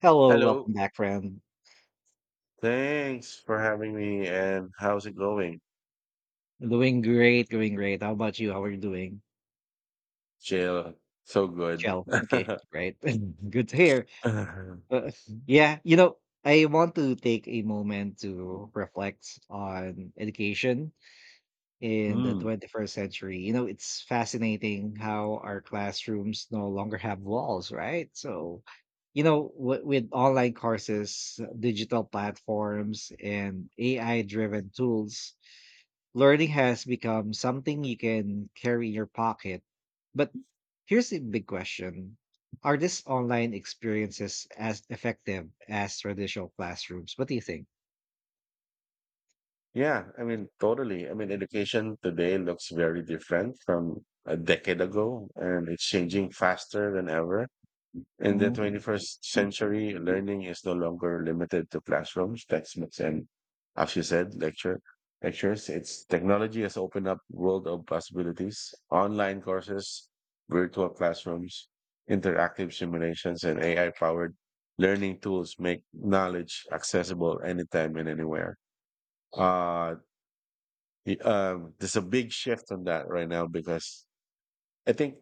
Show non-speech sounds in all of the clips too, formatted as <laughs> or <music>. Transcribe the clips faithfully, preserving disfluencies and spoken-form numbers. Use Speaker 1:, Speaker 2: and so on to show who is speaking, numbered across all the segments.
Speaker 1: Hello, welcome
Speaker 2: Hello.
Speaker 1: back, friend.
Speaker 2: Thanks for having me. And how's it going,
Speaker 1: Doing great, doing great. How about you? How are you doing?
Speaker 2: Jill? So good.
Speaker 1: Chill.
Speaker 2: <laughs>
Speaker 1: Okay, great. <laughs> Good to hear. Uh, yeah, you know, I want to take a moment to reflect on education in the
Speaker 2: Mm.
Speaker 1: twenty-first century. You know, it's fascinating how our classrooms no longer have walls, right? So, you know, w- with online courses, digital platforms, and A I driven tools, learning has become something you can carry in your pocket. But here's a big question. Are these online experiences as effective as traditional classrooms? What do you think?
Speaker 2: Yeah, I mean, totally. I mean, education today looks very different from a decade ago, and it's changing faster than ever. In the
Speaker 1: Hmm.
Speaker 2: twenty-first century, learning is no longer limited to classrooms, textbooks, and, as you said, lecture lectures. It's technology has opened up world of possibilities. Online courses, virtual classrooms, interactive simulations, and A I-powered learning tools make knowledge accessible anytime and anywhere. Uh, y- um, there's a big shift on that right now because I think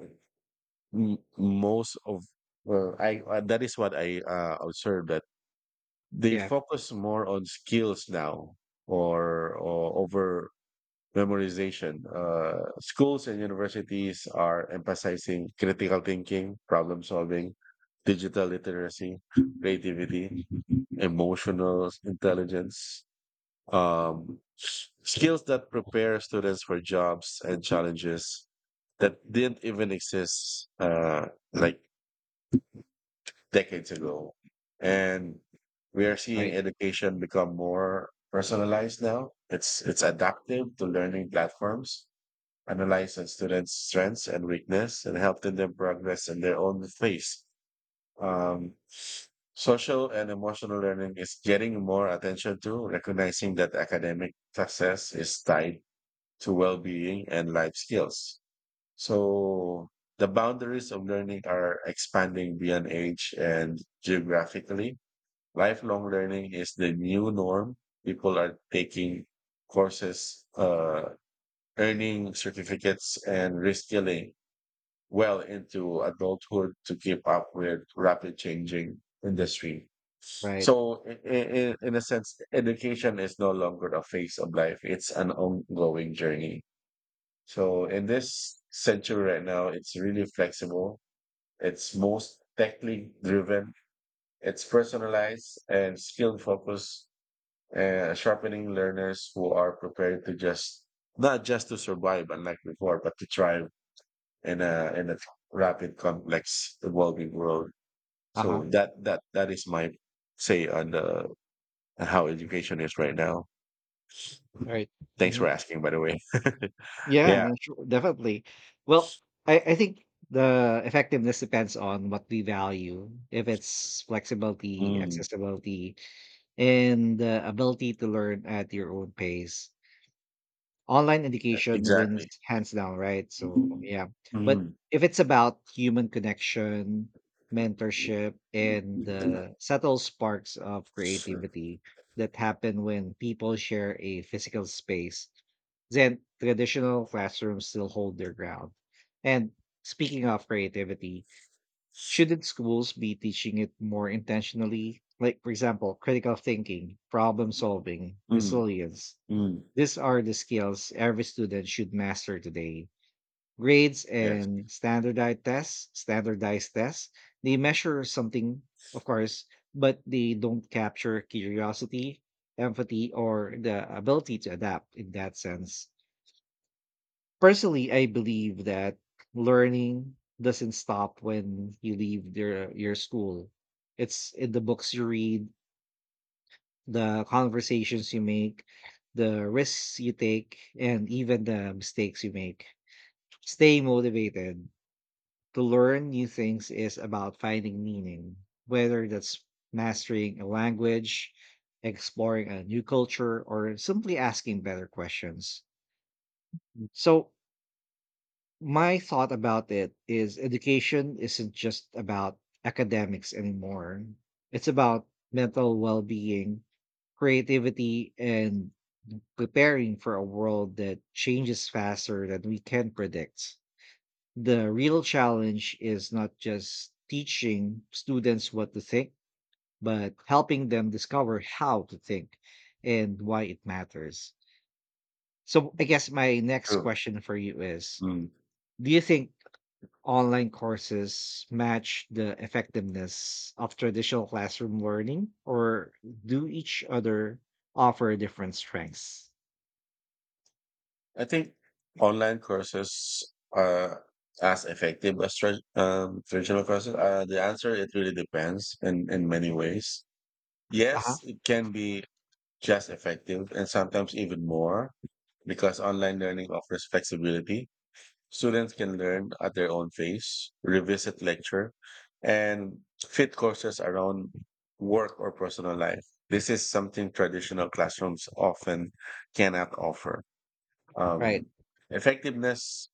Speaker 2: m- most of uh, I uh, that is what I uh, observed that they
Speaker 1: Yeah,
Speaker 2: focus more on skills now or, or over memorization. Uh, schools and universities are emphasizing critical thinking, problem solving, digital literacy, creativity, emotional intelligence, um, s- skills that prepare students for jobs and challenges that didn't even exist uh, like decades ago. And we are seeing
Speaker 1: right,
Speaker 2: education become more personalized now. It's it's adaptive to learning platforms, analyze a students' strengths and weakness, and helping them progress in their own pace. Um, Social and emotional learning is getting more attention to recognizing that academic success is tied to well-being and life skills. So the boundaries of learning are expanding beyond age and geographically. Lifelong learning is the new norm. People are taking courses, uh, earning certificates and reskilling well into adulthood to keep up with rapid changing industry.
Speaker 1: right.
Speaker 2: So in, in, in a sense, education is no longer a phase of life. It's an ongoing journey. So in this century right now, it's really flexible. It's most technically driven. It's personalized and skill focused, uh, sharpening learners who are prepared to just not just to survive, unlike before, but to thrive in a in a rapid, complex, evolving world.
Speaker 1: Uh
Speaker 2: So
Speaker 1: huh,
Speaker 2: that that that is my say on the on how education is right now.
Speaker 1: right.
Speaker 2: Thanks
Speaker 1: Hmm.
Speaker 2: for asking, by the way. <laughs> Yeah,
Speaker 1: Yeah, sure, definitely. Well, I, I think the effectiveness depends on what we value, if it's flexibility,
Speaker 2: mm,
Speaker 1: accessibility, and the ability to learn at your own pace. Online education wins
Speaker 2: exactly.
Speaker 1: hands down, right? So, yeah. But
Speaker 2: Mm.
Speaker 1: if it's about human connection, mentorship, and
Speaker 2: Mm,
Speaker 1: the subtle sparks of creativity that happen when people share a physical space, then traditional classrooms still hold their ground. And speaking of creativity, shouldn't schools be teaching it more intentionally? Like, for example, critical thinking, problem solving, resilience,
Speaker 2: mm,
Speaker 1: these are the skills every student should master today. Grades
Speaker 2: yes,
Speaker 1: and standardized tests, standardized tests, they measure something, of course, but they don't capture curiosity, empathy, or the ability to adapt in that sense. Personally, I believe that learning doesn't stop when you leave your, your school. It's in the books you read, the conversations you make, the risks you take, and even the mistakes you make. Staying motivated to learn new things is about finding meaning, whether that's mastering a language, exploring a new culture, or simply asking better questions. So, my thought about it is education isn't just about academics anymore. It's about mental well being, creativity, and preparing for a world that changes faster than we can predict. The real challenge is not just teaching students what to think, but helping them discover how to think and why it matters. So, I guess my next
Speaker 2: true.
Speaker 1: question for you is,
Speaker 2: Mm.
Speaker 1: do you think online courses match the effectiveness of traditional classroom learning, or do each other offer different strengths?
Speaker 2: I think online courses are as effective as tra um, traditional courses. Uh, the answer, it really depends in, in many ways.
Speaker 1: Uh huh.
Speaker 2: Yes, it can be just effective and sometimes even more because online learning offers flexibility. Students can learn at their own pace, revisit lecture, and fit courses around work or personal life. This is something traditional classrooms often cannot offer.
Speaker 1: Right.
Speaker 2: Um, Effectiveness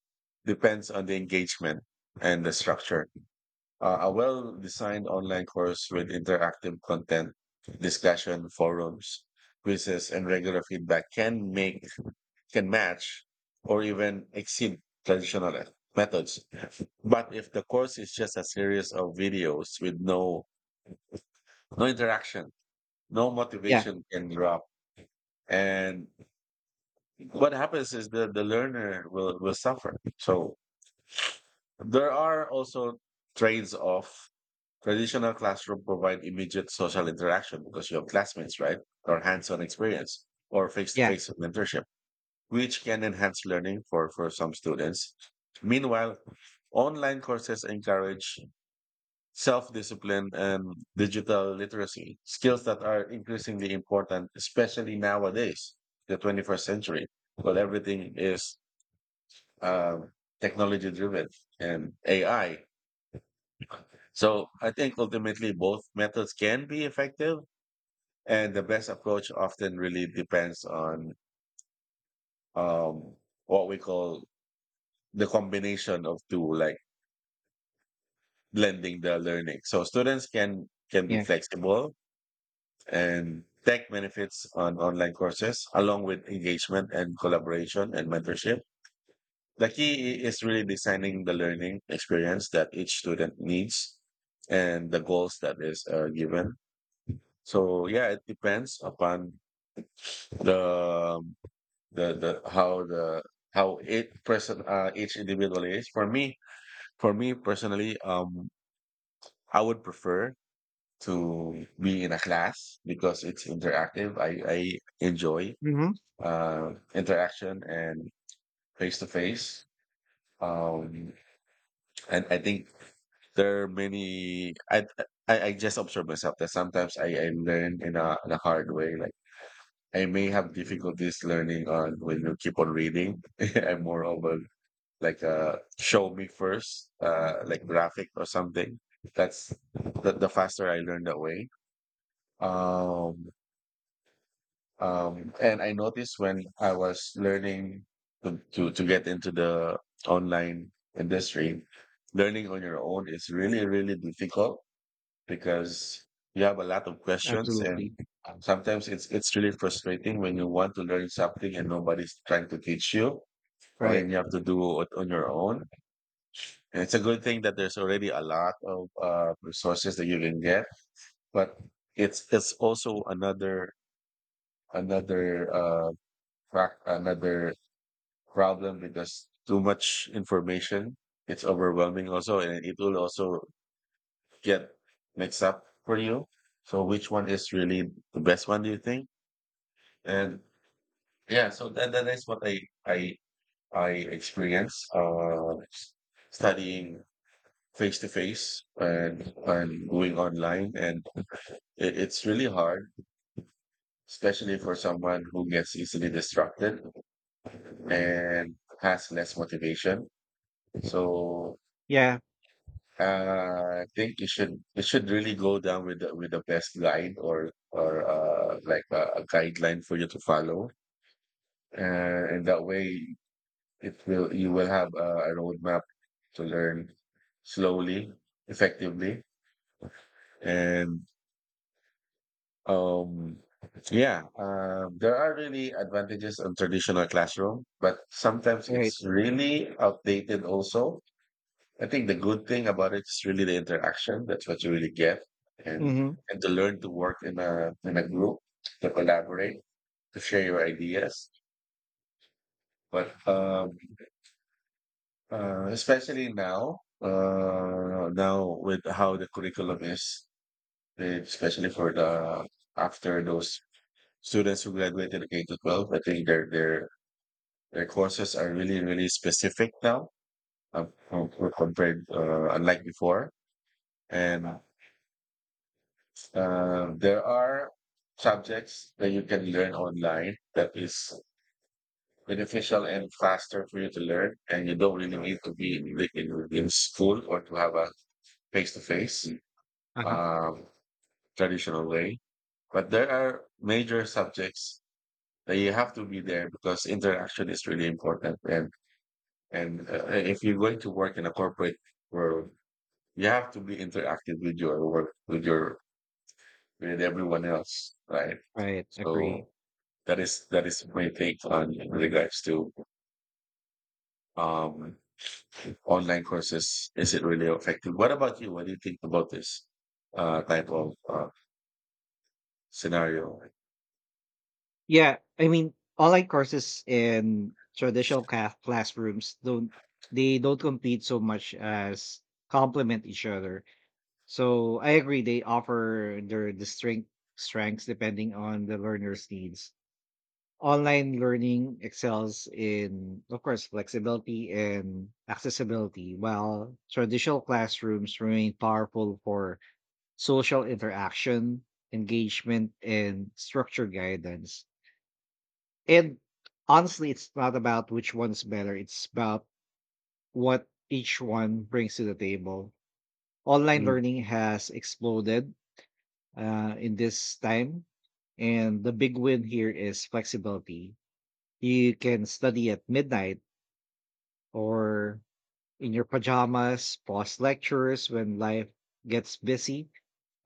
Speaker 2: depends on the engagement and the structure. Uh, a well designed online course with interactive content, discussion, forums, quizzes, and regular feedback can make can match or even exceed traditional methods. But if the course is just a series of videos with no no interaction, no
Speaker 1: Yeah.
Speaker 2: motivation can drop. And what happens is the, the learner will, will suffer. So there are also trades off. Traditional classroom provide immediate social interaction because you have classmates, right? Or hands-on experience or
Speaker 1: Yeah.
Speaker 2: face-to-face mentorship which can enhance learning for, for some students. Meanwhile, online courses encourage self discipline and digital literacy, skills that are increasingly important, especially nowadays, the twenty-first century. Well, everything is um technology driven and A I. So I think ultimately both methods can be effective, and the best approach often really depends on um, what we call the combination of two, like blending the learning. So students can can be
Speaker 1: Yeah.
Speaker 2: flexible and take benefits on online courses along with engagement and collaboration and mentorship. The key is really designing the learning experience that each student needs and the goals that is uh, given. So yeah, it depends upon the um, the the how the how it person uh, each individual is. For me, for me personally, um, I would prefer to be in a class because it's interactive. I, I enjoy
Speaker 1: Mhm.
Speaker 2: uh, interaction and face to face. Um, and I think there are many. I, I I just observe myself that sometimes I, I learn in a, in a hard way. Like I may have difficulties learning on when you keep on reading. <laughs> I'm more of a like a show me first, uh, like graphic or something. That's the, the faster I learn that way. Um, Um, and I noticed when I was learning to, to, to get into the online industry, learning on your own is really, really difficult because you have a lot of questions and
Speaker 1: Absolutely.
Speaker 2: sometimes it's it's really frustrating when you want to learn something and nobody's trying to teach you. I
Speaker 1: Right.
Speaker 2: mean, you have to do it on your own. And it's a good thing that there's already a lot of uh, resources that you can get, but it's it's also another another uh, fact- another problem because too much information it's overwhelming also and it will also get mixed up for you, so which one is really the best one, do you think? And yeah So that, that is what i i i experience uh studying face to face and and going online, and it, it's really hard, especially for someone who gets easily distracted and has less motivation. So
Speaker 1: Yeah.
Speaker 2: Uh, I think you should you should really go down with the, with the best guide or or uh, like a, a guideline for you to follow, uh, and that way it will you will have a, a roadmap to learn slowly, effectively, and um, yeah, um, there are really advantages on traditional classroom, but sometimes
Speaker 1: Right.
Speaker 2: it's really outdated also. I think the good thing about it is really the interaction. That's what you really get, and
Speaker 1: Mhm.
Speaker 2: and to learn to work in a in a group, to collaborate, to share your ideas. But um, uh, Especially now, uh, now with how the curriculum is, eh, especially for the after those students who graduated K to twelve, I think their their their courses are really really specific now, uh, compared uh, unlike before, and Uh, there are subjects that you can learn online that is beneficial and faster for you to learn, and you don't really need to be in, the- in, in school or to have a face to face
Speaker 1: Uh-huh.
Speaker 2: traditional way. But there are major subjects that you have to be there because interaction is really important. And and uh, if you're going to work in a corporate world, you have to be interactive with your work, with your with everyone else, right?
Speaker 1: Right. Agree.
Speaker 2: So That is that is my take on in regards to um online courses. Is it really effective? What about you? What do you think about this uh type of uh, scenario?
Speaker 1: Yeah, I mean, online courses in traditional ca- classrooms don't they don't compete so much as complement each other. So I agree. They offer their distinct strengths depending on the learner's needs. Online learning excels in, of course, flexibility and accessibility, while traditional classrooms remain powerful for social interaction, engagement, and structure guidance. And honestly, it's not about which one's better, it's about what each one brings to the table. Online
Speaker 2: Mm,
Speaker 1: learning has exploded uh, in this time, and the big win here is flexibility. You can study at midnight or in your pajamas, pause lectures when life gets busy,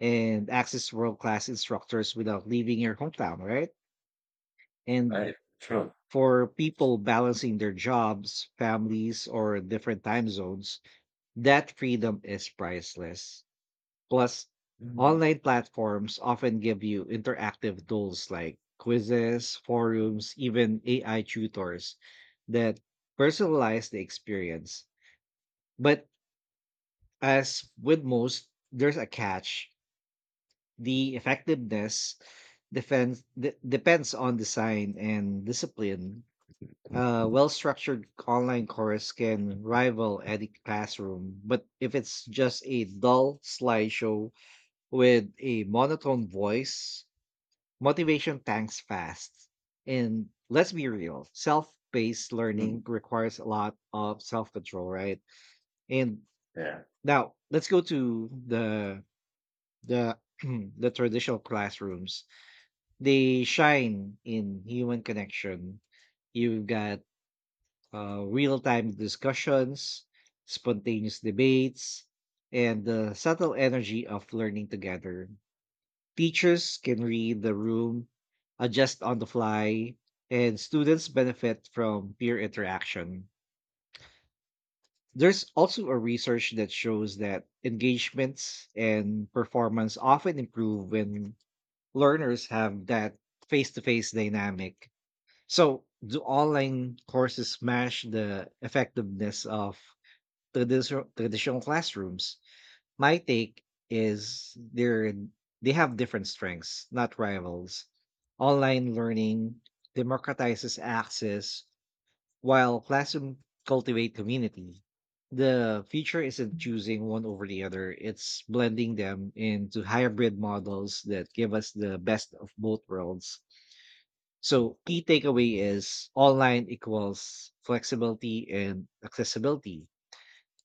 Speaker 1: and access world class instructors without leaving your hometown, right? And
Speaker 2: right, true.
Speaker 1: for people balancing their jobs, families, or different time zones, that freedom is priceless. Plus,
Speaker 2: Mm,
Speaker 1: online platforms often give you interactive tools like quizzes, forums, even A I tutors that personalize the experience. But as with most, there's a catch. The effectiveness depends de- depends on design and discipline. A well-structured online course can rival any classroom, but if it's just a dull slideshow with a monotone voice, motivation tanks fast. And let's be real, self-paced
Speaker 2: mm,
Speaker 1: learning requires a lot of self-control, right? And
Speaker 2: yeah.
Speaker 1: now let's go to the the <clears throat> the traditional classrooms. They shine in human connection. You've got uh, real time discussions, spontaneous debates, and the subtle energy of learning together. Teachers can read the room, adjust on the fly, and students benefit from peer interaction. There's also a research that shows that engagements and performance often improve when learners have that face to face dynamic. So, do online courses smash the effectiveness of Traditional traditional classrooms? My take is they're they have different strengths, not rivals. Online learning democratizes access, while classroom cultivate community. The future isn't choosing one over the other; it's blending them into hybrid models that give us the best of both worlds. So, key takeaway is online equals flexibility and accessibility.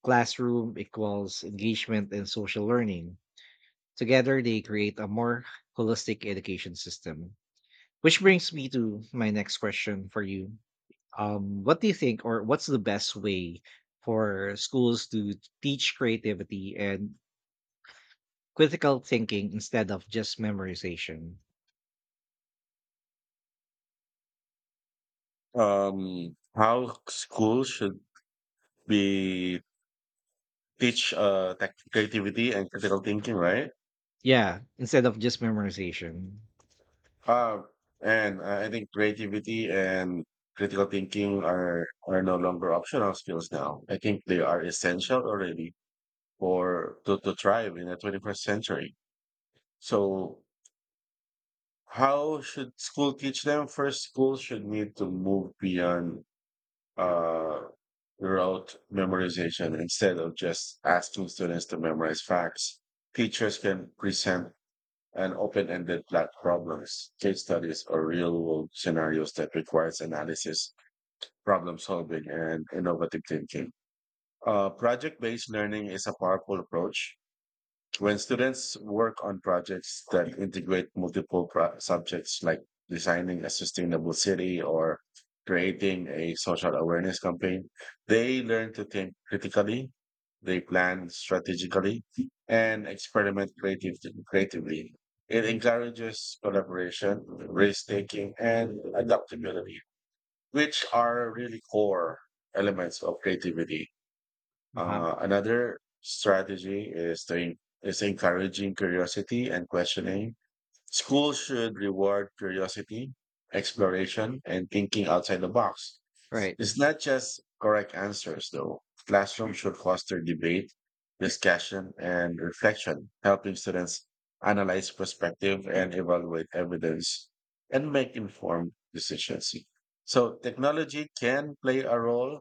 Speaker 1: Classroom equals engagement and social learning. Together, they create a more holistic education system. Which brings me to my next question for you. Um, what do you think, or what's the best way for schools to teach creativity and critical thinking instead of just memorization?
Speaker 2: Um, how schools should be teach uh tech- creativity and critical thinking, right?
Speaker 1: Yeah, instead of just memorization.
Speaker 2: Uh, and I think creativity and critical thinking are are no longer optional skills now. I think they are essential already or to, to thrive in the twenty-first century. So, how should school teach them? First, schools should need to move beyond uh, rote memorization instead of just asking students to memorize facts. Teachers can present an open-ended black problems, case studies, or real-world scenarios that requires analysis, problem solving, and innovative thinking. Uh, project-based learning is a powerful approach. When students work on projects that integrate multiple pro- subjects like designing a sustainable city or creating a social awareness campaign, they learn to think critically, they plan strategically, and experiment creative- creatively. It encourages collaboration, risk taking, and adaptability, which are really core elements of creativity.
Speaker 1: Uh-huh.
Speaker 2: Uh, another strategy is to en- is encouraging curiosity and questioning. Schools should reward curiosity, exploration, and thinking outside the box.
Speaker 1: Right,
Speaker 2: It's not just correct answers, though. Classrooms should foster debate, discussion, and reflection, helping students analyze perspective and evaluate evidence and make informed decisions. So technology can play a role.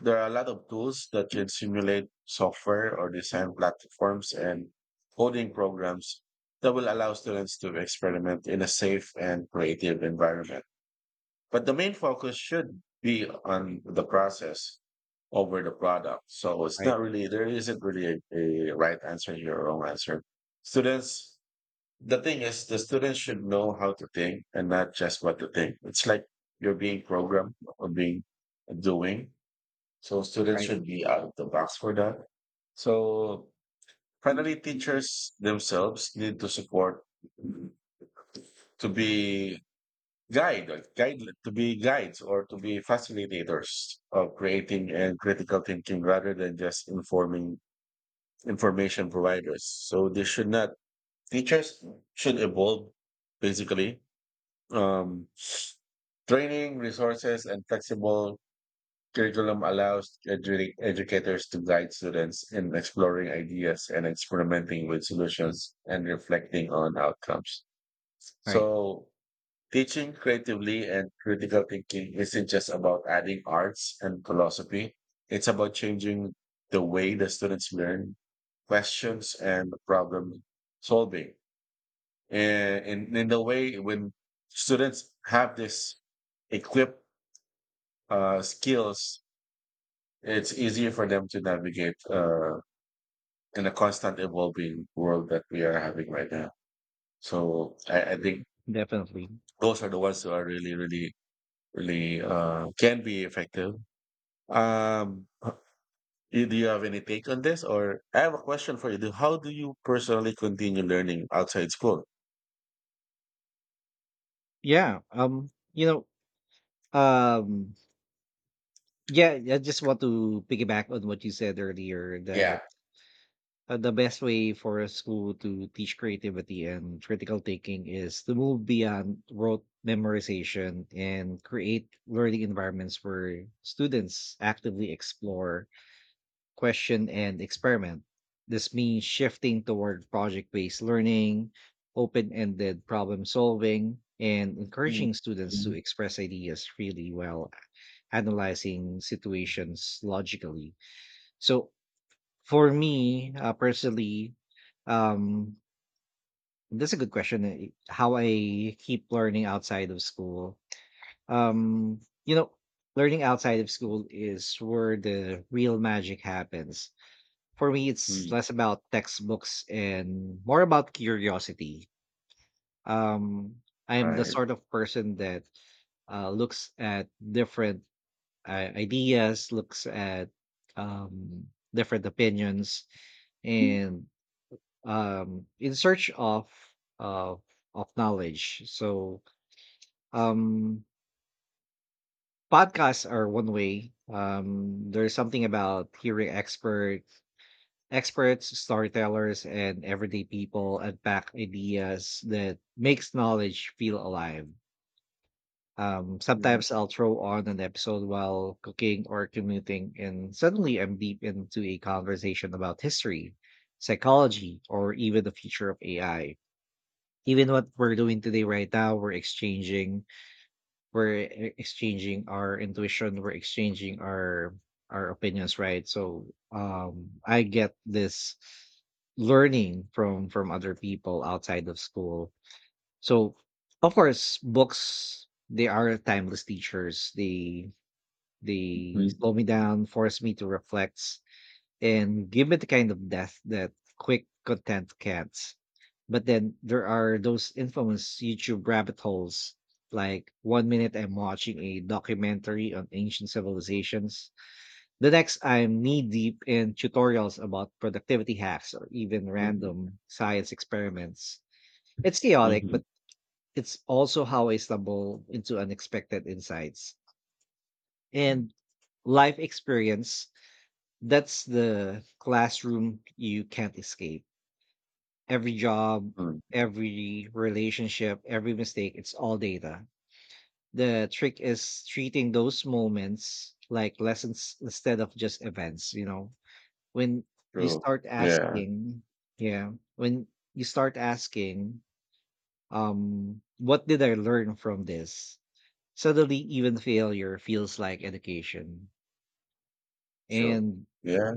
Speaker 2: There are a lot of tools that can simulate software or design platforms and coding programs that will allow students to experiment in a safe and creative environment. But the main focus should be on the process over the product. So it's
Speaker 1: right,
Speaker 2: not really, there isn't really a, a right answer here or wrong answer. Students, the thing is, the students should know how to think and not just what to think. It's like you're being programmed or being doing. So students
Speaker 1: right,
Speaker 2: should be out of the box for that. So finally, teachers themselves need to support to be guide, like guide to be guides or to be facilitators of creating and critical thinking rather than just informing information providers. So they should not teachers should evolve basically. Um, Training resources and flexible curriculum allows edu- educators to guide students in exploring ideas and experimenting with solutions and reflecting on outcomes.
Speaker 1: right.
Speaker 2: So, teaching creatively and critical thinking isn't just about adding arts and philosophy, it's about changing the way the students learn questions and problem solving. And in, in the way when students have this equipped uh, skills, it's easier for them to navigate uh, in a constant evolving world that we are having right now. So I, I think
Speaker 1: Definitely.
Speaker 2: those are the ones who are really, really, really uh, can be effective. Um, you- do you have any take on this? Or I have a question for you. Do, how do you personally continue learning outside school?
Speaker 1: Yeah. Um, you know, um Yeah, I just want to piggyback on what you said earlier that
Speaker 2: Yeah.
Speaker 1: uh, the best way for a school to teach creativity and critical thinking is to move beyond rote memorization and create learning environments where students actively explore, question and experiment. This means shifting toward project based learning, open ended problem solving, and
Speaker 2: Mm,
Speaker 1: encouraging students to
Speaker 2: mm,
Speaker 1: express ideas freely while analyzing situations logically. So, for me uh, personally, um, that's a good question. uh, How I keep learning outside of school. Um, you know, Learning outside of school is where the real magic happens. For me, it's
Speaker 2: mm.
Speaker 1: less about textbooks and more about curiosity. um I'm the
Speaker 2: Right.
Speaker 1: sort of person that uh, looks at different uh, ideas, looks at um different opinions, and, um in search of of of knowledge. So, um podcasts are one way. Um there's something about hearing experts Experts, storytellers, and everyday people unpack ideas that makes knowledge feel alive. Um,
Speaker 2: Mhm,
Speaker 1: sometimes I'll throw on an episode while cooking or commuting, and suddenly I'm deep into a conversation about history, psychology, or even the future of A I. Even what we're doing today, right now, we're exchanging we're e- exchanging our intuition, we're exchanging our our opinions, right? So, um I get this learning from from other people outside of school. So, of course, books, they are timeless teachers. they they
Speaker 2: mhm,
Speaker 1: slow me down, force me to reflect, and give me the kind of depth that quick content can't. But then there are those infamous YouTube rabbit holes. Like one minute I'm watching a documentary on ancient civilizations, the next I'm knee deep in tutorials about productivity hacks or even
Speaker 2: mhm,
Speaker 1: random science experiments. It's chaotic, but
Speaker 2: mhm,
Speaker 1: it's also how I stumble into unexpected insights. And life experience, that's the classroom you can't escape. Every job,
Speaker 2: mhm.
Speaker 1: every relationship, every mistake, it's all data. The trick is treating those moments like lessons instead of just events, you know. When you
Speaker 2: True.
Speaker 1: start
Speaker 2: Yeah.
Speaker 1: asking, yeah, when you start asking, um, what did I learn from this? Suddenly, even failure feels like education.
Speaker 2: True.
Speaker 1: And
Speaker 2: Yeah.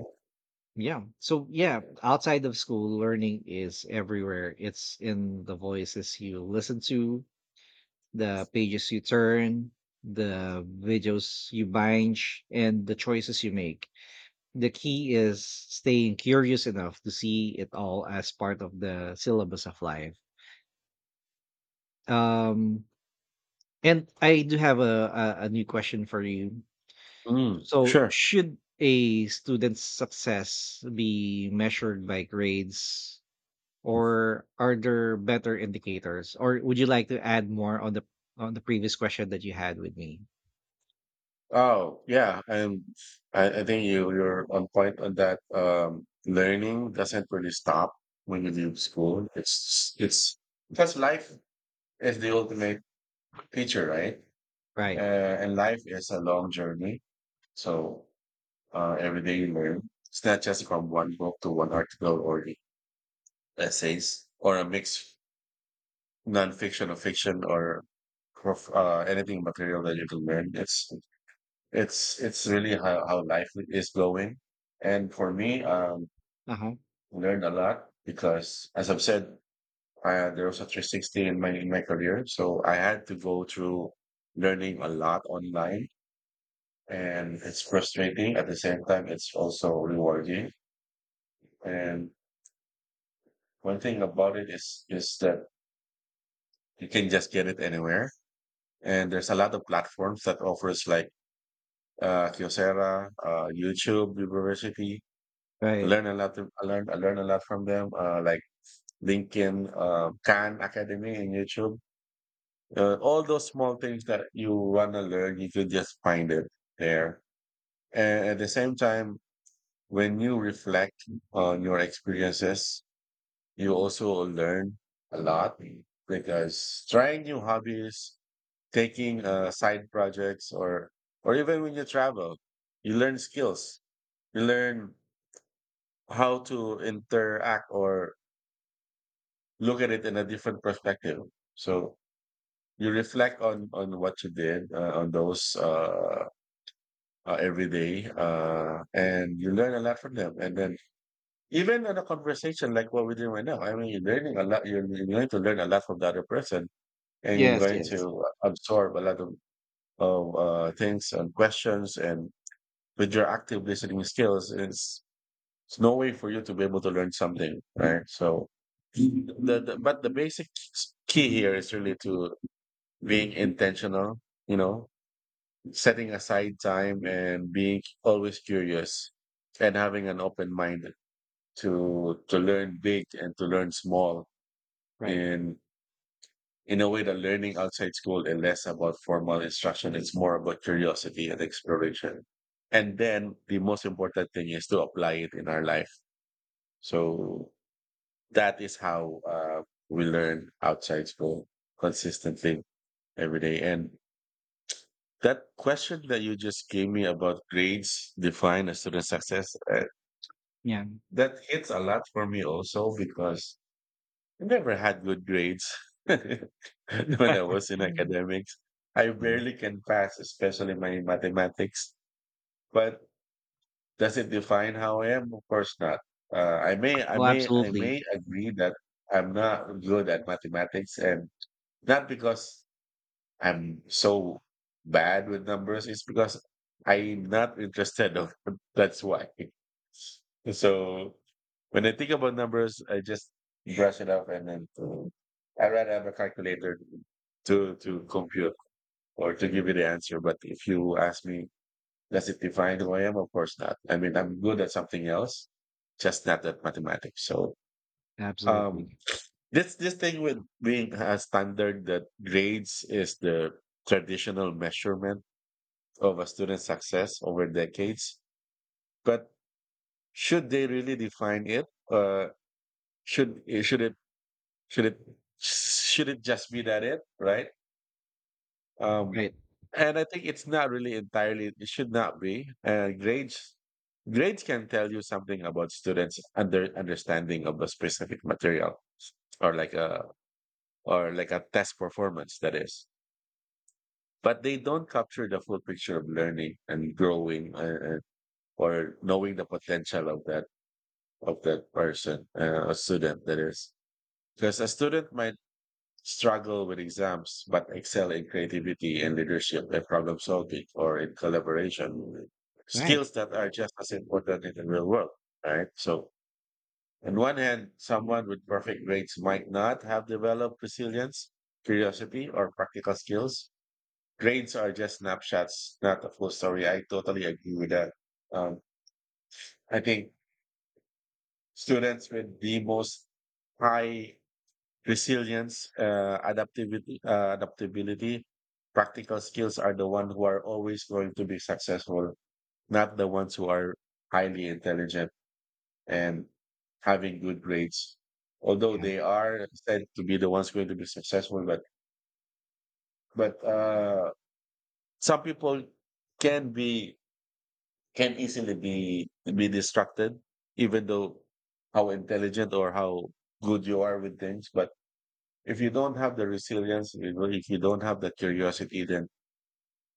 Speaker 1: yeah, so yeah, outside of school, learning is everywhere. It's in the voices you listen to, the pages you turn, the videos you binge, and the choices you make. The key is staying curious enough to see it all as part of the syllabus of life. Um, and I do have a, a, a new question for you.
Speaker 2: Mm,
Speaker 1: So,
Speaker 2: sure.
Speaker 1: should a student's success be measured by grades, or are there better indicators? Or would you like to add more on the on the previous question that you had with me?
Speaker 2: Oh, yeah, and I, I think you you're on point on that. Um, learning doesn't really stop when you leave school. It's it's because life is the ultimate teacher, right?
Speaker 1: Right.
Speaker 2: Uh, and life is a long journey. So uh, every day you learn. It's not just from one book to one article or essays or a mix nonfiction or fiction or prof- uh, anything material that you can learn. It's It's it's really how, how life is going. And for me, um,
Speaker 1: Uh-huh.
Speaker 2: I learned a lot because, as I've said, uh, there was a three sixty in my in my career, so I had to go through learning a lot online, and it's frustrating. At the same time, it's also rewarding. And one thing about it is is that you can just get it anywhere, and there's a lot of platforms that offers like uh, Kyocera, uh, YouTube University.
Speaker 1: Right.
Speaker 2: Learn a lot. Of- I learned I learned a lot from them. Uh, like LinkedIn, uh, Khan Academy, and YouTube. Uh, all those small things that you wanna learn, you could just find it there. And at the same time, when you reflect on your experiences, you also learn a lot because trying new hobbies, taking uh, side projects, or or even when you travel, you learn skills. You learn how to interact or look at it in a different perspective. So you reflect on on what you did uh, on those uh, uh, every day, uh, and you learn a lot from them. And then even in a conversation like what we're doing right now, I mean, you're learning a lot. You're, you're going to learn a lot from the other person, and you're
Speaker 1: Yes,
Speaker 2: going
Speaker 1: yes.
Speaker 2: to absorb a lot of of uh, things and questions. And with your active listening skills, it's it's no way for you to be able to learn something, right? So the, the but the basic key here is really to being intentional, you know, setting aside time and being always curious and having an open mind to to learn big and to learn small
Speaker 1: Right.
Speaker 2: in in a way that learning outside school is less about formal instruction. It's more about curiosity and exploration. And then the most important thing is to apply it in our life. So that is how uh, we learn outside school consistently every day. And That question that you just gave me about grades define a student's success, uh,
Speaker 1: Yeah.
Speaker 2: that hits a lot for me also because I never had good grades <laughs> when I was in
Speaker 1: <laughs>
Speaker 2: academics. I
Speaker 1: Yeah.
Speaker 2: barely can pass, especially my mathematics. But does it define how I am? Of course not. Uh, I may, I
Speaker 1: Oh,
Speaker 2: may, I
Speaker 1: absolutely.
Speaker 2: may agree that I'm not good at mathematics, and not because I'm so bad with numbers. It's because I'm not interested of <laughs> that's why. So when I think about numbers, I just brush it off and then uh, I'd rather have a calculator to to compute or to give you the answer. But if you ask me, does it define who I am? Of course not. I mean, I'm good at something else, just not at mathematics. So um
Speaker 1: Absolutely.
Speaker 2: this this thing with being a standard that grades is the traditional measurement of a student's success over decades. But should they really define it? Uh, should it- should it should it should it just be that it right? Um,
Speaker 1: Right.
Speaker 2: and I think it's not really entirely. It should not be. Uh, grades grades can tell you something about students' under understanding of a specific material, or like a or like a test performance. That is, but they don't capture the full picture of learning and growing uh, uh, or knowing the potential of that of that person, uh, a student, that is, because a student might struggle with exams but excel in creativity and leadership and problem solving or in collaboration
Speaker 1: Right.
Speaker 2: skills that are just as important in the real world, right? So on one hand someone with perfect grades might not have developed resilience, curiosity, or practical skills. Grades are just snapshots, not the full story. I totally agree with that. Um, I think students with the most high resilience, uh, adaptivity, uh, adaptability, practical skills are the ones who are always going to be successful, not the ones who are highly intelligent and having good grades. Although
Speaker 1: Yeah.
Speaker 2: they are said to be the ones going to be successful, but but uh, some people can be can easily be be distracted, even though how intelligent or how good you are with things. But if you don't have the resilience, you know, if you don't have the curiosity, then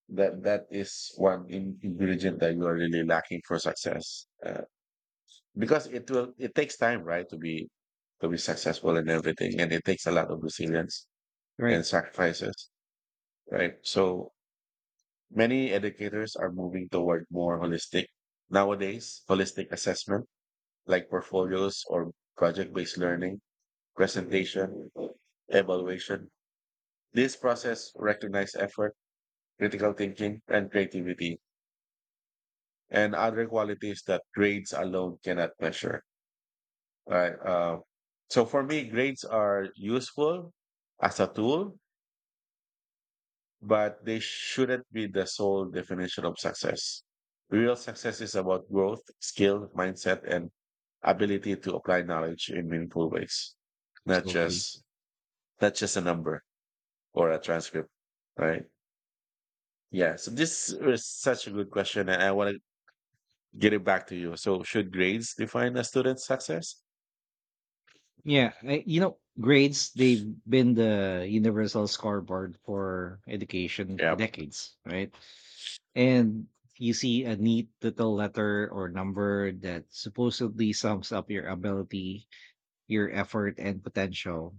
Speaker 2: that that is one in- ingredient that you are really lacking for success. Uh, because it will it takes time, right, to be to be successful and everything, and it takes a lot of resilience
Speaker 1: Right.
Speaker 2: and sacrifices, right? So many educators are moving toward more holistic, nowadays, holistic assessment like portfolios or project-based learning, presentation, evaluation. This process recognizes effort, critical thinking, and creativity, and other qualities that grades alone cannot measure. Right. Uh, so for me, grades are useful as a tool, but they shouldn't be the sole definition of success. Real success is about growth, skill, mindset, and ability to apply knowledge in meaningful ways, not
Speaker 1: Absolutely.
Speaker 2: just. That's just a number or a transcript, right? Yeah. So this is such a good question, and I want to get it back to you. So, should grades define a student's success?
Speaker 1: Yeah, I, you know, grades, they've been the universal scoreboard for education for
Speaker 2: Yep.
Speaker 1: decades, right? And you see a neat little letter or number that supposedly sums up your ability, your effort, and potential.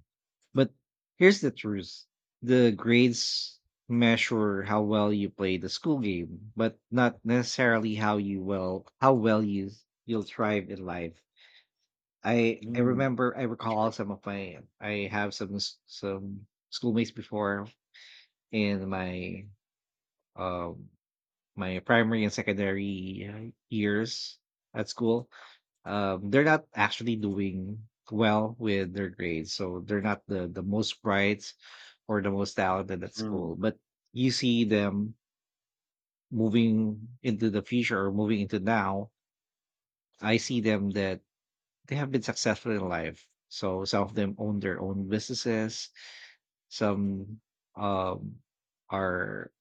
Speaker 1: But here's the truth: the grades measure how well you play the school game, but not necessarily how you will how well you you'll thrive in life. I I
Speaker 2: Mm,
Speaker 1: remember I recall some of my I have some s- some schoolmates before in my um my primary and secondary uh, years at school. Um, they're not actually doing well with their grades, so they're not the the most bright or the most talented at
Speaker 2: mm,
Speaker 1: school. But you see them moving into the future or moving into now. I see them that they have been successful in life. So some of them own their own businesses. Some um are,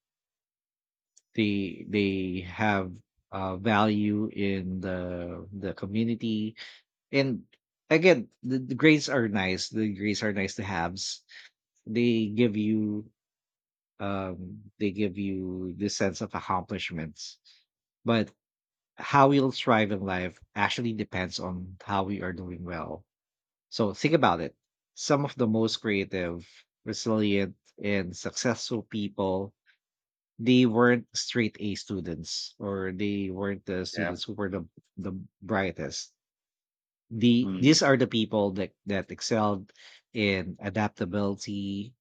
Speaker 1: they they have uh value in the the community. And again, the, the grades are nice the grades are nice to haves. they give you um they give you this sense of accomplishments, but how we'll thrive in life actually depends on how we are doing well. So think about it. Some of the most creative, resilient, and successful people, they weren't straight A students, or they weren't the
Speaker 2: yep.
Speaker 1: students who were the the brightest. The
Speaker 2: Mm,
Speaker 1: these are the people that that excelled in adaptability,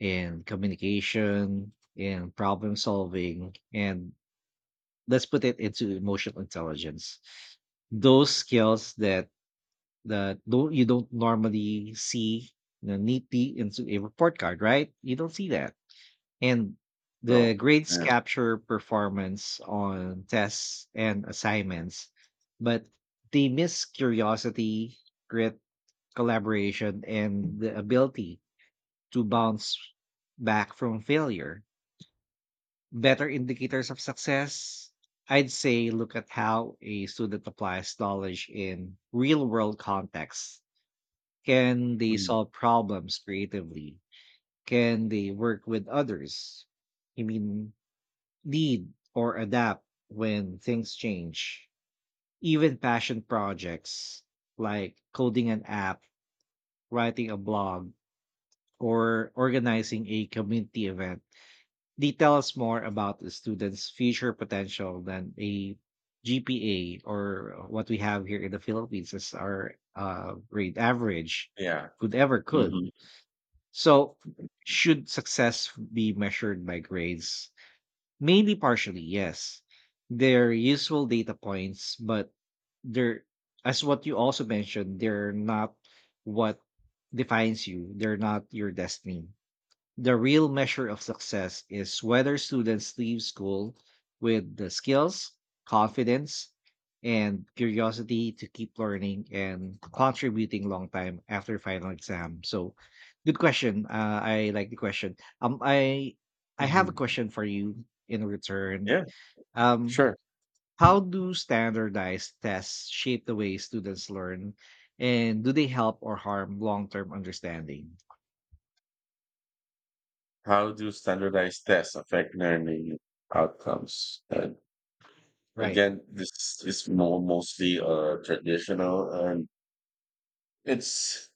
Speaker 1: in communication, in problem solving, and let's put it into emotional intelligence. Those skills that that don't you don't normally see, you know, neatly into a report card, right? You don't see that. And the
Speaker 2: no.
Speaker 1: grades
Speaker 2: Yeah.
Speaker 1: capture performance on tests and assignments, but they miss curiosity, grit, collaboration, and the ability to bounce back from failure. Better indicators of success, I'd say look at how a student applies knowledge in real world contexts. Can they
Speaker 2: Mm,
Speaker 1: solve problems creatively? Can they work with others? I mean, lead or adapt when things change. Even passion projects like coding an app, writing a blog, or organizing a community event, they tell us more about the student's future potential than a G P A or what we have here in the Philippines as our uh, grade average
Speaker 2: yeah.
Speaker 1: could ever could.
Speaker 2: hmm
Speaker 1: So, should success be measured by grades? Maybe partially, yes. They're useful data points, but they're, as what you also mentioned, they're not what defines you. They're not your destiny. The real measure of success is whether students leave school with the skills, confidence, and curiosity to keep learning and contributing long time after final exam. So, good question. Uh, I like the question. Um, I I have
Speaker 2: hmm
Speaker 1: a question for you in return.
Speaker 2: Yeah.
Speaker 1: Um,
Speaker 2: Sure.
Speaker 1: how do standardized tests shape the way students learn, and do they help or harm long term understanding?
Speaker 2: How do standardized tests affect learning outcomes? And
Speaker 1: Right.
Speaker 2: again, this is more mostly uh, traditional, and it's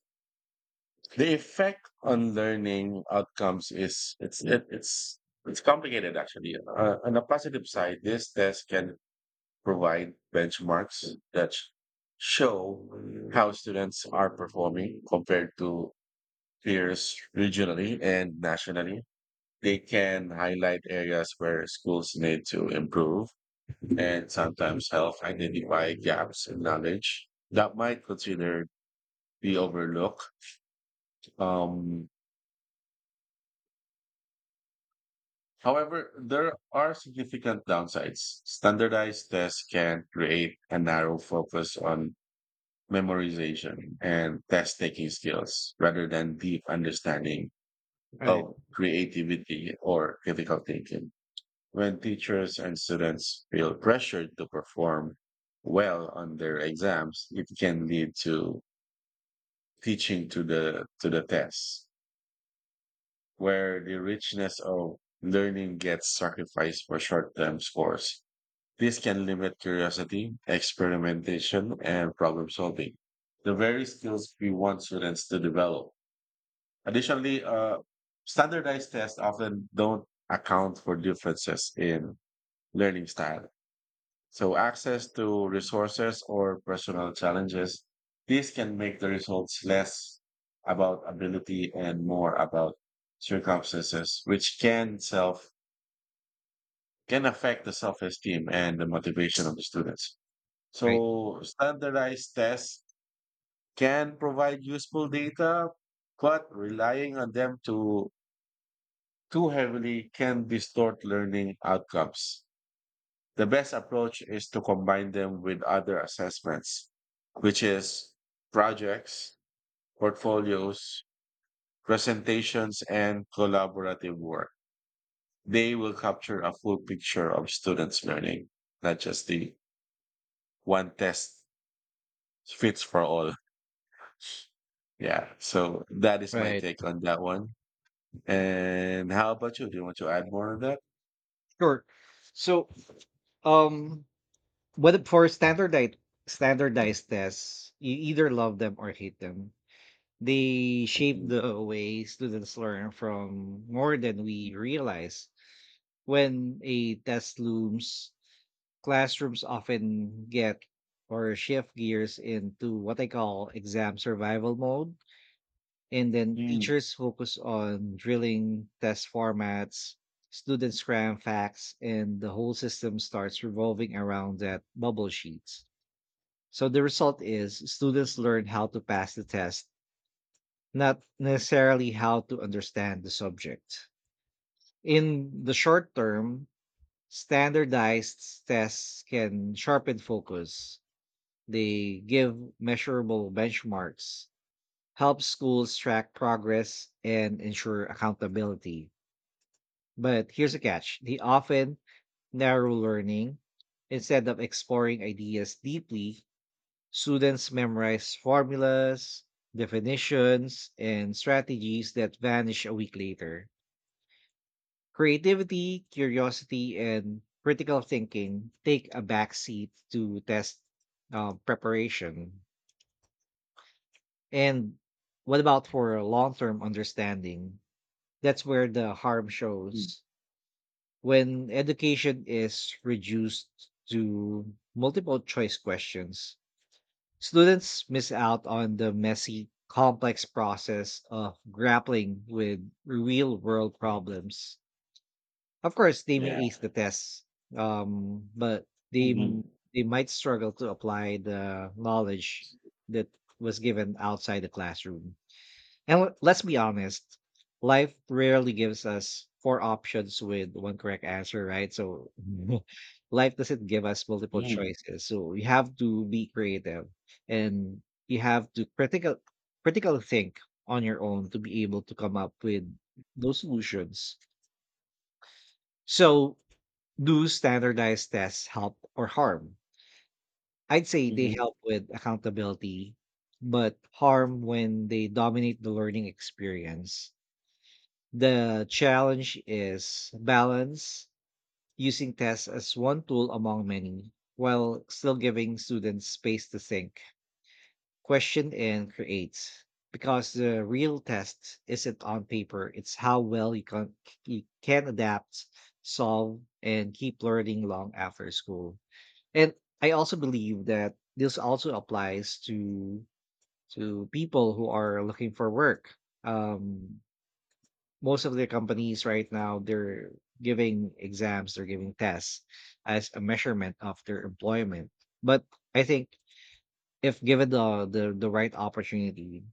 Speaker 2: the effect on learning outcomes is it's it, it's it's complicated actually. Uh, on the positive side, this test can provide benchmarks that sh- show how students are performing compared to peers regionally and nationally. They can highlight areas where schools need to improve and sometimes help identify gaps in knowledge that might consider be overlooked. Um, However, there are significant downsides. Standardized tests can create a narrow focus on memorization and test taking skills rather than deep understanding
Speaker 1: Right.
Speaker 2: of creativity or critical thinking. When teachers and students feel pressured to perform well on their exams, it can lead to teaching to the to the test, where the richness of learning gets sacrificed for short-term scores. This can limit curiosity, experimentation, and problem solving, the very skills we want students to develop. Additionally, uh, standardized tests often don't account for differences in learning style. So, access to resources or personal challenges, these can make the results less about ability and more about circumstances, which can self can affect the self-esteem and the motivation of the students.
Speaker 1: Right.
Speaker 2: So standardized tests can provide useful data, but relying on them too, too heavily can distort learning outcomes. The best approach is to combine them with other assessments, which is projects, portfolios, presentations, and collaborative work. They will capture a full picture of students' learning, not just the one test fits for all. Yeah, so that is my
Speaker 1: Right.
Speaker 2: take on that one. And how about you? Do you want to add more on that?
Speaker 1: Sure. So, um, whether for standardized standardized tests, you either love them or hate them. They shape
Speaker 2: Mm,
Speaker 1: the way students learn from more than we realize. When a test looms, classrooms often get or shift gears into what I call exam survival mode, and then
Speaker 2: mm,
Speaker 1: teachers focus on drilling test formats, students cram facts, and the whole system starts revolving around that bubble sheets. So the result is students learn how to pass the test, not necessarily how to understand the subject. In the short term, standardized tests can sharpen focus. They give measurable benchmarks, help schools track progress, and ensure accountability. But here's a catch, they often narrow learning. Instead of exploring ideas deeply, students memorize formulas, definitions, and strategies that vanish a week later. Creativity, curiosity, and critical thinking take a backseat to test uh, preparation. And what about for long term understanding? That's where the harm
Speaker 2: mm.
Speaker 1: shows. When education is reduced to multiple choice questions, students miss out on the messy, complex process of grappling with real world problems. Of course, they may
Speaker 2: Yeah.
Speaker 1: ace the tests, um, but they
Speaker 2: Mhm,
Speaker 1: m- they might struggle to apply the knowledge that was given outside the classroom. And w- let's be honest, life rarely gives us four options with one correct answer, right? So <laughs> life doesn't give us multiple
Speaker 2: mm,
Speaker 1: choices. So we have to be creative, and you have to critical critical think on your own to be able to come up with those solutions. So do standardized tests help or harm? I'd say they
Speaker 2: mhm.
Speaker 1: help with accountability, but harm when they dominate the learning experience. The challenge is balance, using tests as one tool among many, while still giving students space to think, question, and create. Because the real test isn't on paper, it's how well you can, you can adapt, solve, and keep learning long after school. And I also believe that this also applies to to people who are looking for work. Um, most of the companies right now, they're giving exams, they're giving tests as a measurement of their employment, but I think, if given the the, the right opportunity,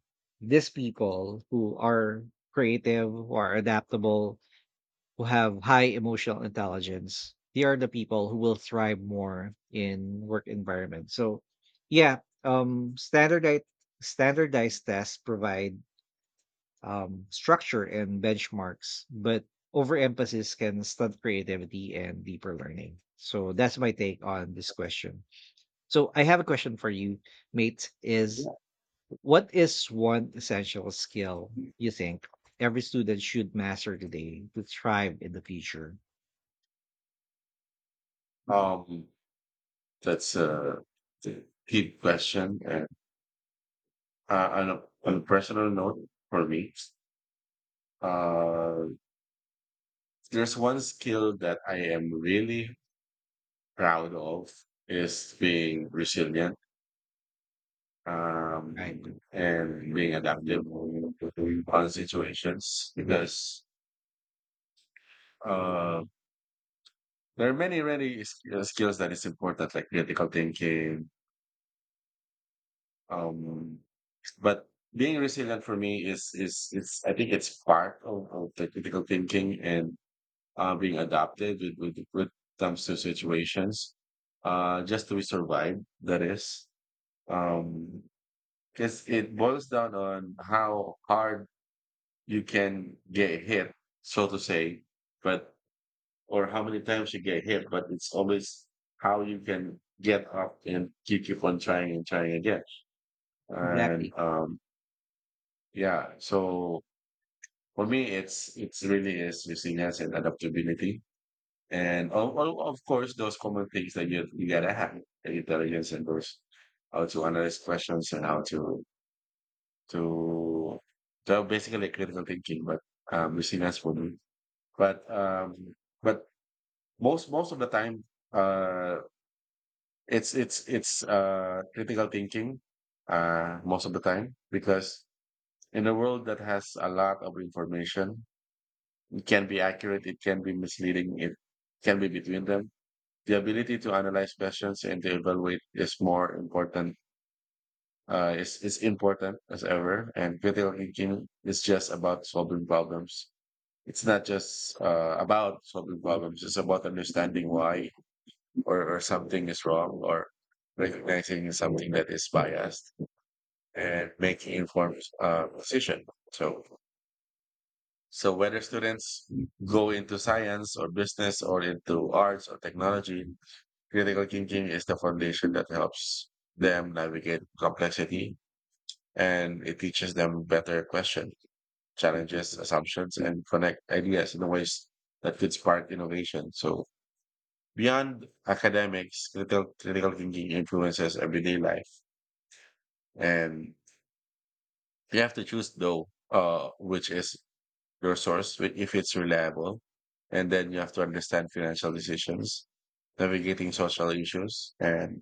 Speaker 1: these people who are creative, who are adaptable, who have high emotional intelligence, they are the people who will thrive more in work environment. So yeah, um standardized standardized tests provide um, structure and benchmarks, but overemphasis can stunt creativity and deeper learning. So that's my take on this question. So I have a question for you, mate. Is
Speaker 2: Yeah.
Speaker 1: what is one essential skill you think every student should master today to thrive in the future?
Speaker 2: Um, that's a d- deep question. And uh, on, a, on a personal note for me, uh, there's one skill that I am really proud of is being resilient,
Speaker 1: Right.
Speaker 2: um, and being adaptive on situations because uh, there are many, many s- uh, skills that is important, like critical thinking. Um, but being resilient for me is is it's I think it's part of, of the critical thinking and uh, being adaptive with, with with comes to situations uh, just to survive. That is, um, because it boils down on how hard you can get hit, so to say, but or how many times you get hit, but it's always how you can get up and keep keep on trying and trying again. And
Speaker 1: Exactly.
Speaker 2: um yeah, so for me it's it's really is resilience and adaptability. And of, of of course those common things that you you gotta have the intelligence and those how to analyze questions and how to to so basically critical thinking, but um resilience for me. But um, but most most of the time, uh, it's it's it's uh, critical thinking uh, most of the time, because in a world that has a lot of information, it can be accurate, it can be misleading, it can be between them. The ability to analyze questions and to evaluate is more important. Uh, is is important as ever, and critical thinking is just about solving problems it's not just uh, about solving problems; it's about understanding why or, or something is wrong or recognizing something that is biased and making informed uh, decision. So, so whether students go into science or business or into arts or technology, critical thinking is the foundation that helps them navigate complexity, and it teaches them better question, challenges, assumptions, and connect ideas in ways that could spark innovation. So beyond academics, critical, critical thinking influences everyday life. And you have to choose though, uh, which is your source, wh- if it's reliable. And then you have to understand financial decisions, navigating social issues, and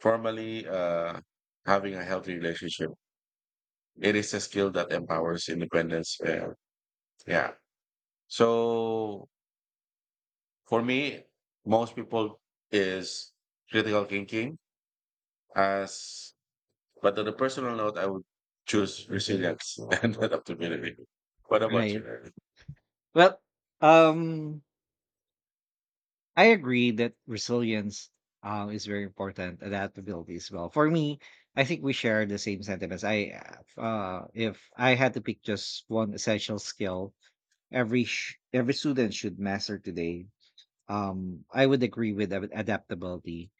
Speaker 2: formally uh, having a healthy relationship. It is a skill that empowers independence. Uh, yeah. So for me, most people is critical thinking as, but on a personal note, I would choose resilience <laughs> and adaptability. What about
Speaker 1: Right.
Speaker 2: you? Aaron?
Speaker 1: Well, um, I agree that resilience um, is very important. Adaptability as well. For me, I think we share the same sentiments. I, uh, if I had to pick just one essential skill every sh- every student should master today, um, I would agree with ad- adaptability.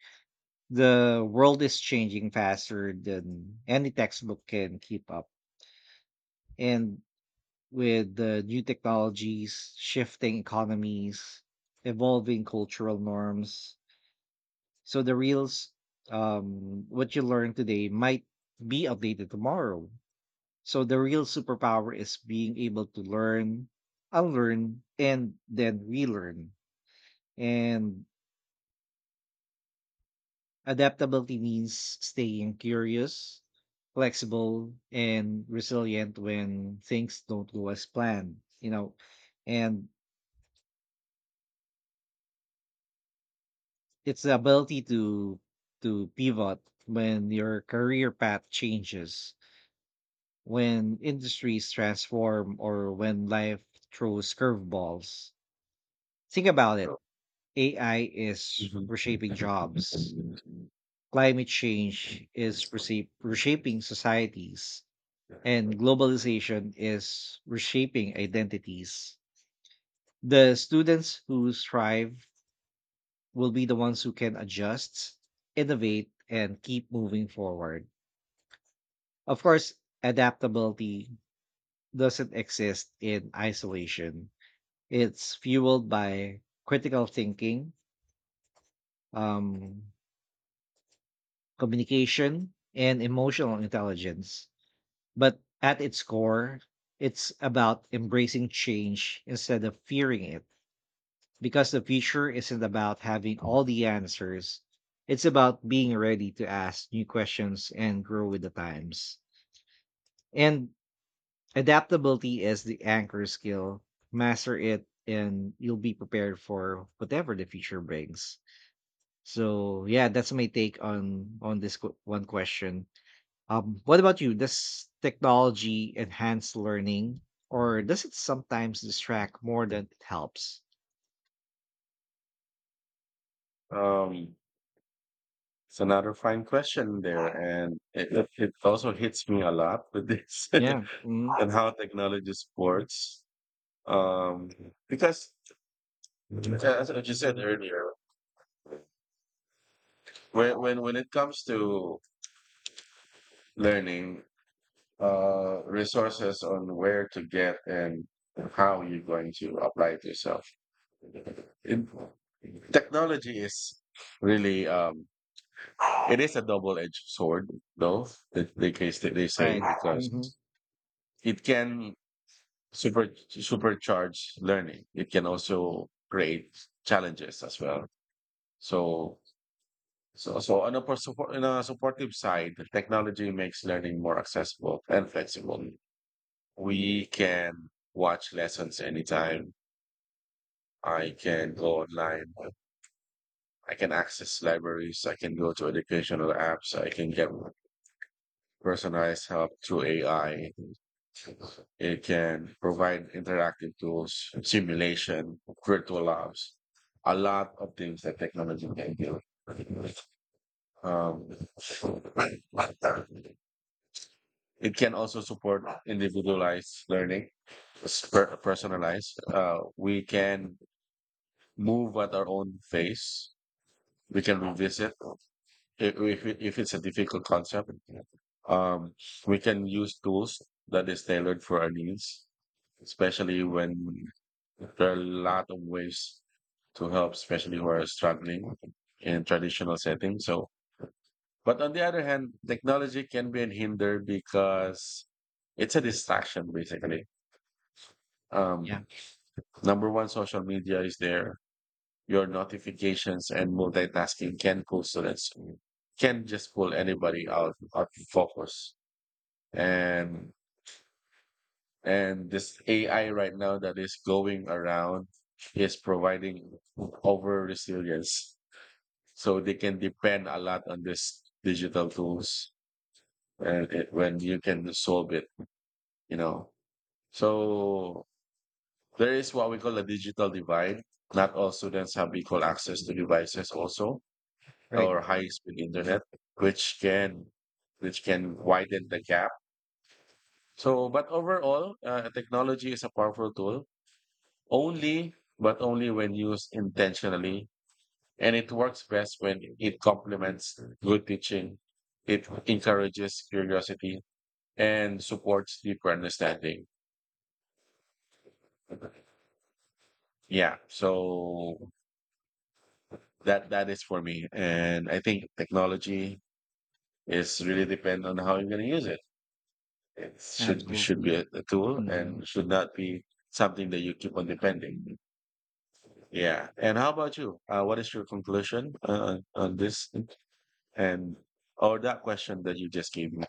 Speaker 1: The world is changing faster than any textbook can keep up, and with the new technologies, shifting economies, evolving cultural norms, so the reels, um, what you learn today might be outdated tomorrow. So the real superpower is being able to learn, unlearn, and then relearn. And adaptability means staying curious, flexible, and resilient when things don't go as planned, you know. And it's the ability to to pivot when your career path changes, when industries transform, or when life throws curveballs. Think about it, A I is
Speaker 2: Mhm.
Speaker 1: reshaping jobs, climate change is reshape- reshaping societies, and globalization is reshaping identities. The students who thrive will be the ones who can adjust, innovate, and keep moving forward. Of course, adaptability doesn't exist in isolation. It's fueled by critical thinking, um, communication, and emotional intelligence. But at its core, it's about embracing change instead of fearing it. Because the future isn't about having all the answers, it's about being ready to ask new questions and grow with the times. And adaptability is the anchor skill. Master it, and you'll be prepared for whatever the future brings. So yeah, that's my take on on this qu- one question. Um, what about you? Does technology enhance learning, or does it sometimes distract more than it helps?
Speaker 2: Um, it's another fine question there, and it, it it also hits me a lot with this <laughs>
Speaker 1: Yeah. Mhm.
Speaker 2: and how technology supports. Um, because as as you said earlier, when when when it comes to learning, uh, resources on where to get and how you're going to apply it yourself, it, technology is really um. It is a double-edged sword, though, the, the case that they say,
Speaker 1: Right.
Speaker 2: because
Speaker 1: Hmm.
Speaker 2: it can super supercharge learning. It can also create challenges as well. So, so, so on a, per- support, on a supportive side, the technology makes learning more accessible and flexible. We can watch lessons anytime. I can go online. I can access libraries. I can go to educational apps. I can get personalized help through A I. It can provide interactive tools, simulation, virtual labs, a lot of things that technology can do. Um, it can also support individualized learning, sper- personalized. Uh, we can move at our own pace. We can revisit if, if, it- if it's a difficult concept. Um, we can use tools that is tailored for our needs, especially when there are a lot of ways to help, especially who are struggling in traditional settings. So, but on the other hand, technology can be a hinder because it's a distraction, basically.
Speaker 1: Yeah.
Speaker 2: Um, number one, social media is there. Your notifications and multitasking can pull students, can just pull anybody out of focus. And And this A I right now that is going around is providing over resilience. So they can depend a lot on this digital tools and it, when you can solve it, you know. So there is what we call a digital divide. Not all students have equal access to devices also,
Speaker 1: Right.
Speaker 2: or high speed internet, which can which can widen the gap. So, but overall, uh, technology is a powerful tool. Only, but only when used intentionally. And it works best when it complements good teaching. It encourages curiosity and supports deeper understanding. Yeah. So that, that is for me. And I think technology is really depend on how you're going to use it. It should, should be
Speaker 1: Absolutely.
Speaker 2: a, a tool
Speaker 1: Mhm.
Speaker 2: and should not be something that you keep on depending. Yeah. And how about you? Uh, what is your conclusion uh, on on this. And or that question that you just gave me.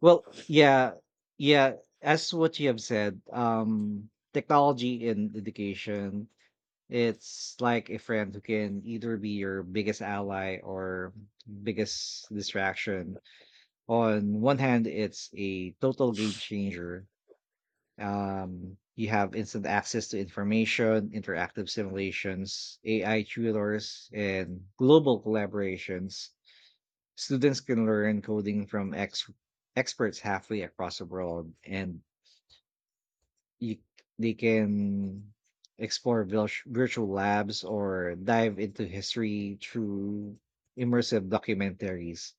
Speaker 1: Well, yeah, yeah. As what you have said, um, technology in education, it's like a friend who can either be your biggest ally or biggest distraction. On one hand, it's a total game changer. Um, you have instant access to information, interactive simulations, A I tutors, and global collaborations. Students can learn coding from ex- experts halfway across the world, and you, they can explore vil- virtual labs or dive into history through immersive documentaries.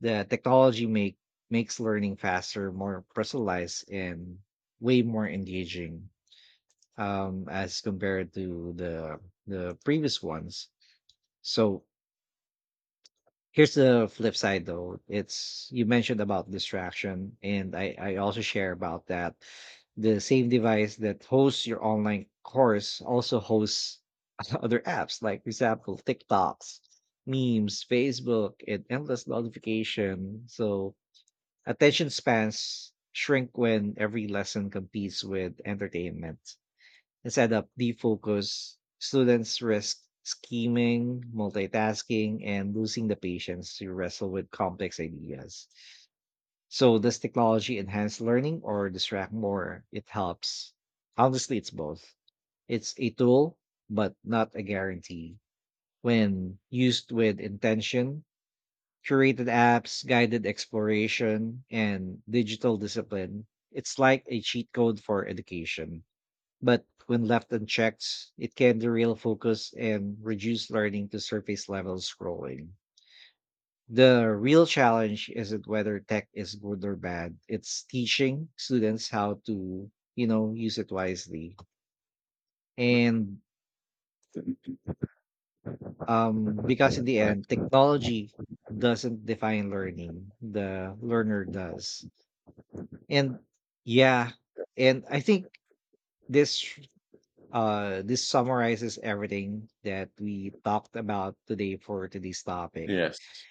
Speaker 1: The technology make makes learning faster, more personalized, and way more engaging, um, as compared to the the previous ones. So here's the flip side, though. It's you mentioned about distraction, and I I also share about that. The same device that hosts your online course also hosts <laughs> other apps, like for example, TikToks, memes, Facebook, and endless notification. So attention spans shrink when every lesson competes with entertainment. Instead of defocus, students risk scheming, multitasking, and losing the patience to wrestle with complex ideas. So, does technology enhance learning or distract more? It helps. Honestly, it's both. It's a tool, but not a guarantee. When used with intention, curated apps, guided exploration, and digital discipline, it's like a cheat code for education. But when left unchecked, it can derail focus and reduce learning to surface level scrolling. The real challenge isn't whether tech is good or bad, it's teaching students how to, you know, use it wisely. And um, because in the
Speaker 2: Right.
Speaker 1: end, technology doesn't define learning, the learner does. And yeah, and I think this uh this summarizes everything that we talked about today for today's topic.
Speaker 2: Yes,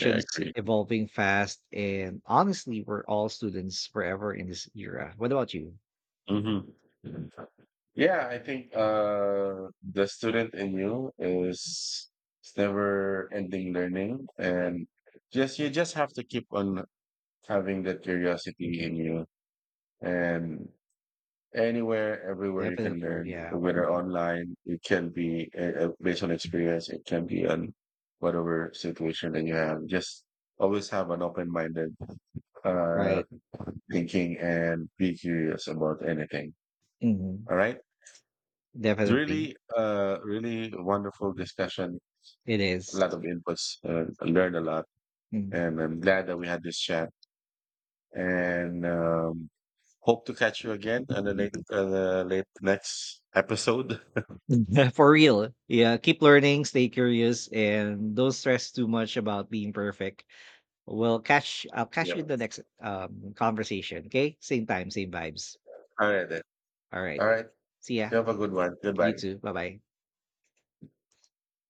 Speaker 2: yeah, I agree.
Speaker 1: evolving fast, and honestly we're all students forever in this era. What about you?
Speaker 2: Hmm. Yeah, I think uh, the student in you is it's never ending learning, and just you just have to keep on having that curiosity in you, and anywhere, everywhere you can
Speaker 1: Definitely,
Speaker 2: learn,
Speaker 1: yeah.
Speaker 2: whether
Speaker 1: Mhm.
Speaker 2: online, it can be uh, uh, based on experience, it can be on whatever situation that you have. Just always have an open minded uh,
Speaker 1: Right.
Speaker 2: thinking and be curious about anything.
Speaker 1: Hmm.
Speaker 2: All right. It's
Speaker 1: Definitely.
Speaker 2: really, uh, really wonderful discussion.
Speaker 1: It
Speaker 2: A
Speaker 1: is.
Speaker 2: lot of inputs. Uh, I learned a lot,
Speaker 1: Mm.
Speaker 2: and I'm glad that we had this chat. And um, hope to catch you again on the late, uh, the late next episode. <laughs>
Speaker 1: <laughs> For real, yeah, keep learning, stay curious, and don't stress too much about being perfect. We'll catch I'll catch you in
Speaker 2: Yep.
Speaker 1: the next, um, conversation, okay? Same time, same vibes.
Speaker 2: All right then.
Speaker 1: Alright.
Speaker 2: All right.
Speaker 1: See ya.
Speaker 2: You have a good one.
Speaker 1: You
Speaker 2: Goodbye.
Speaker 1: too. Bye-bye.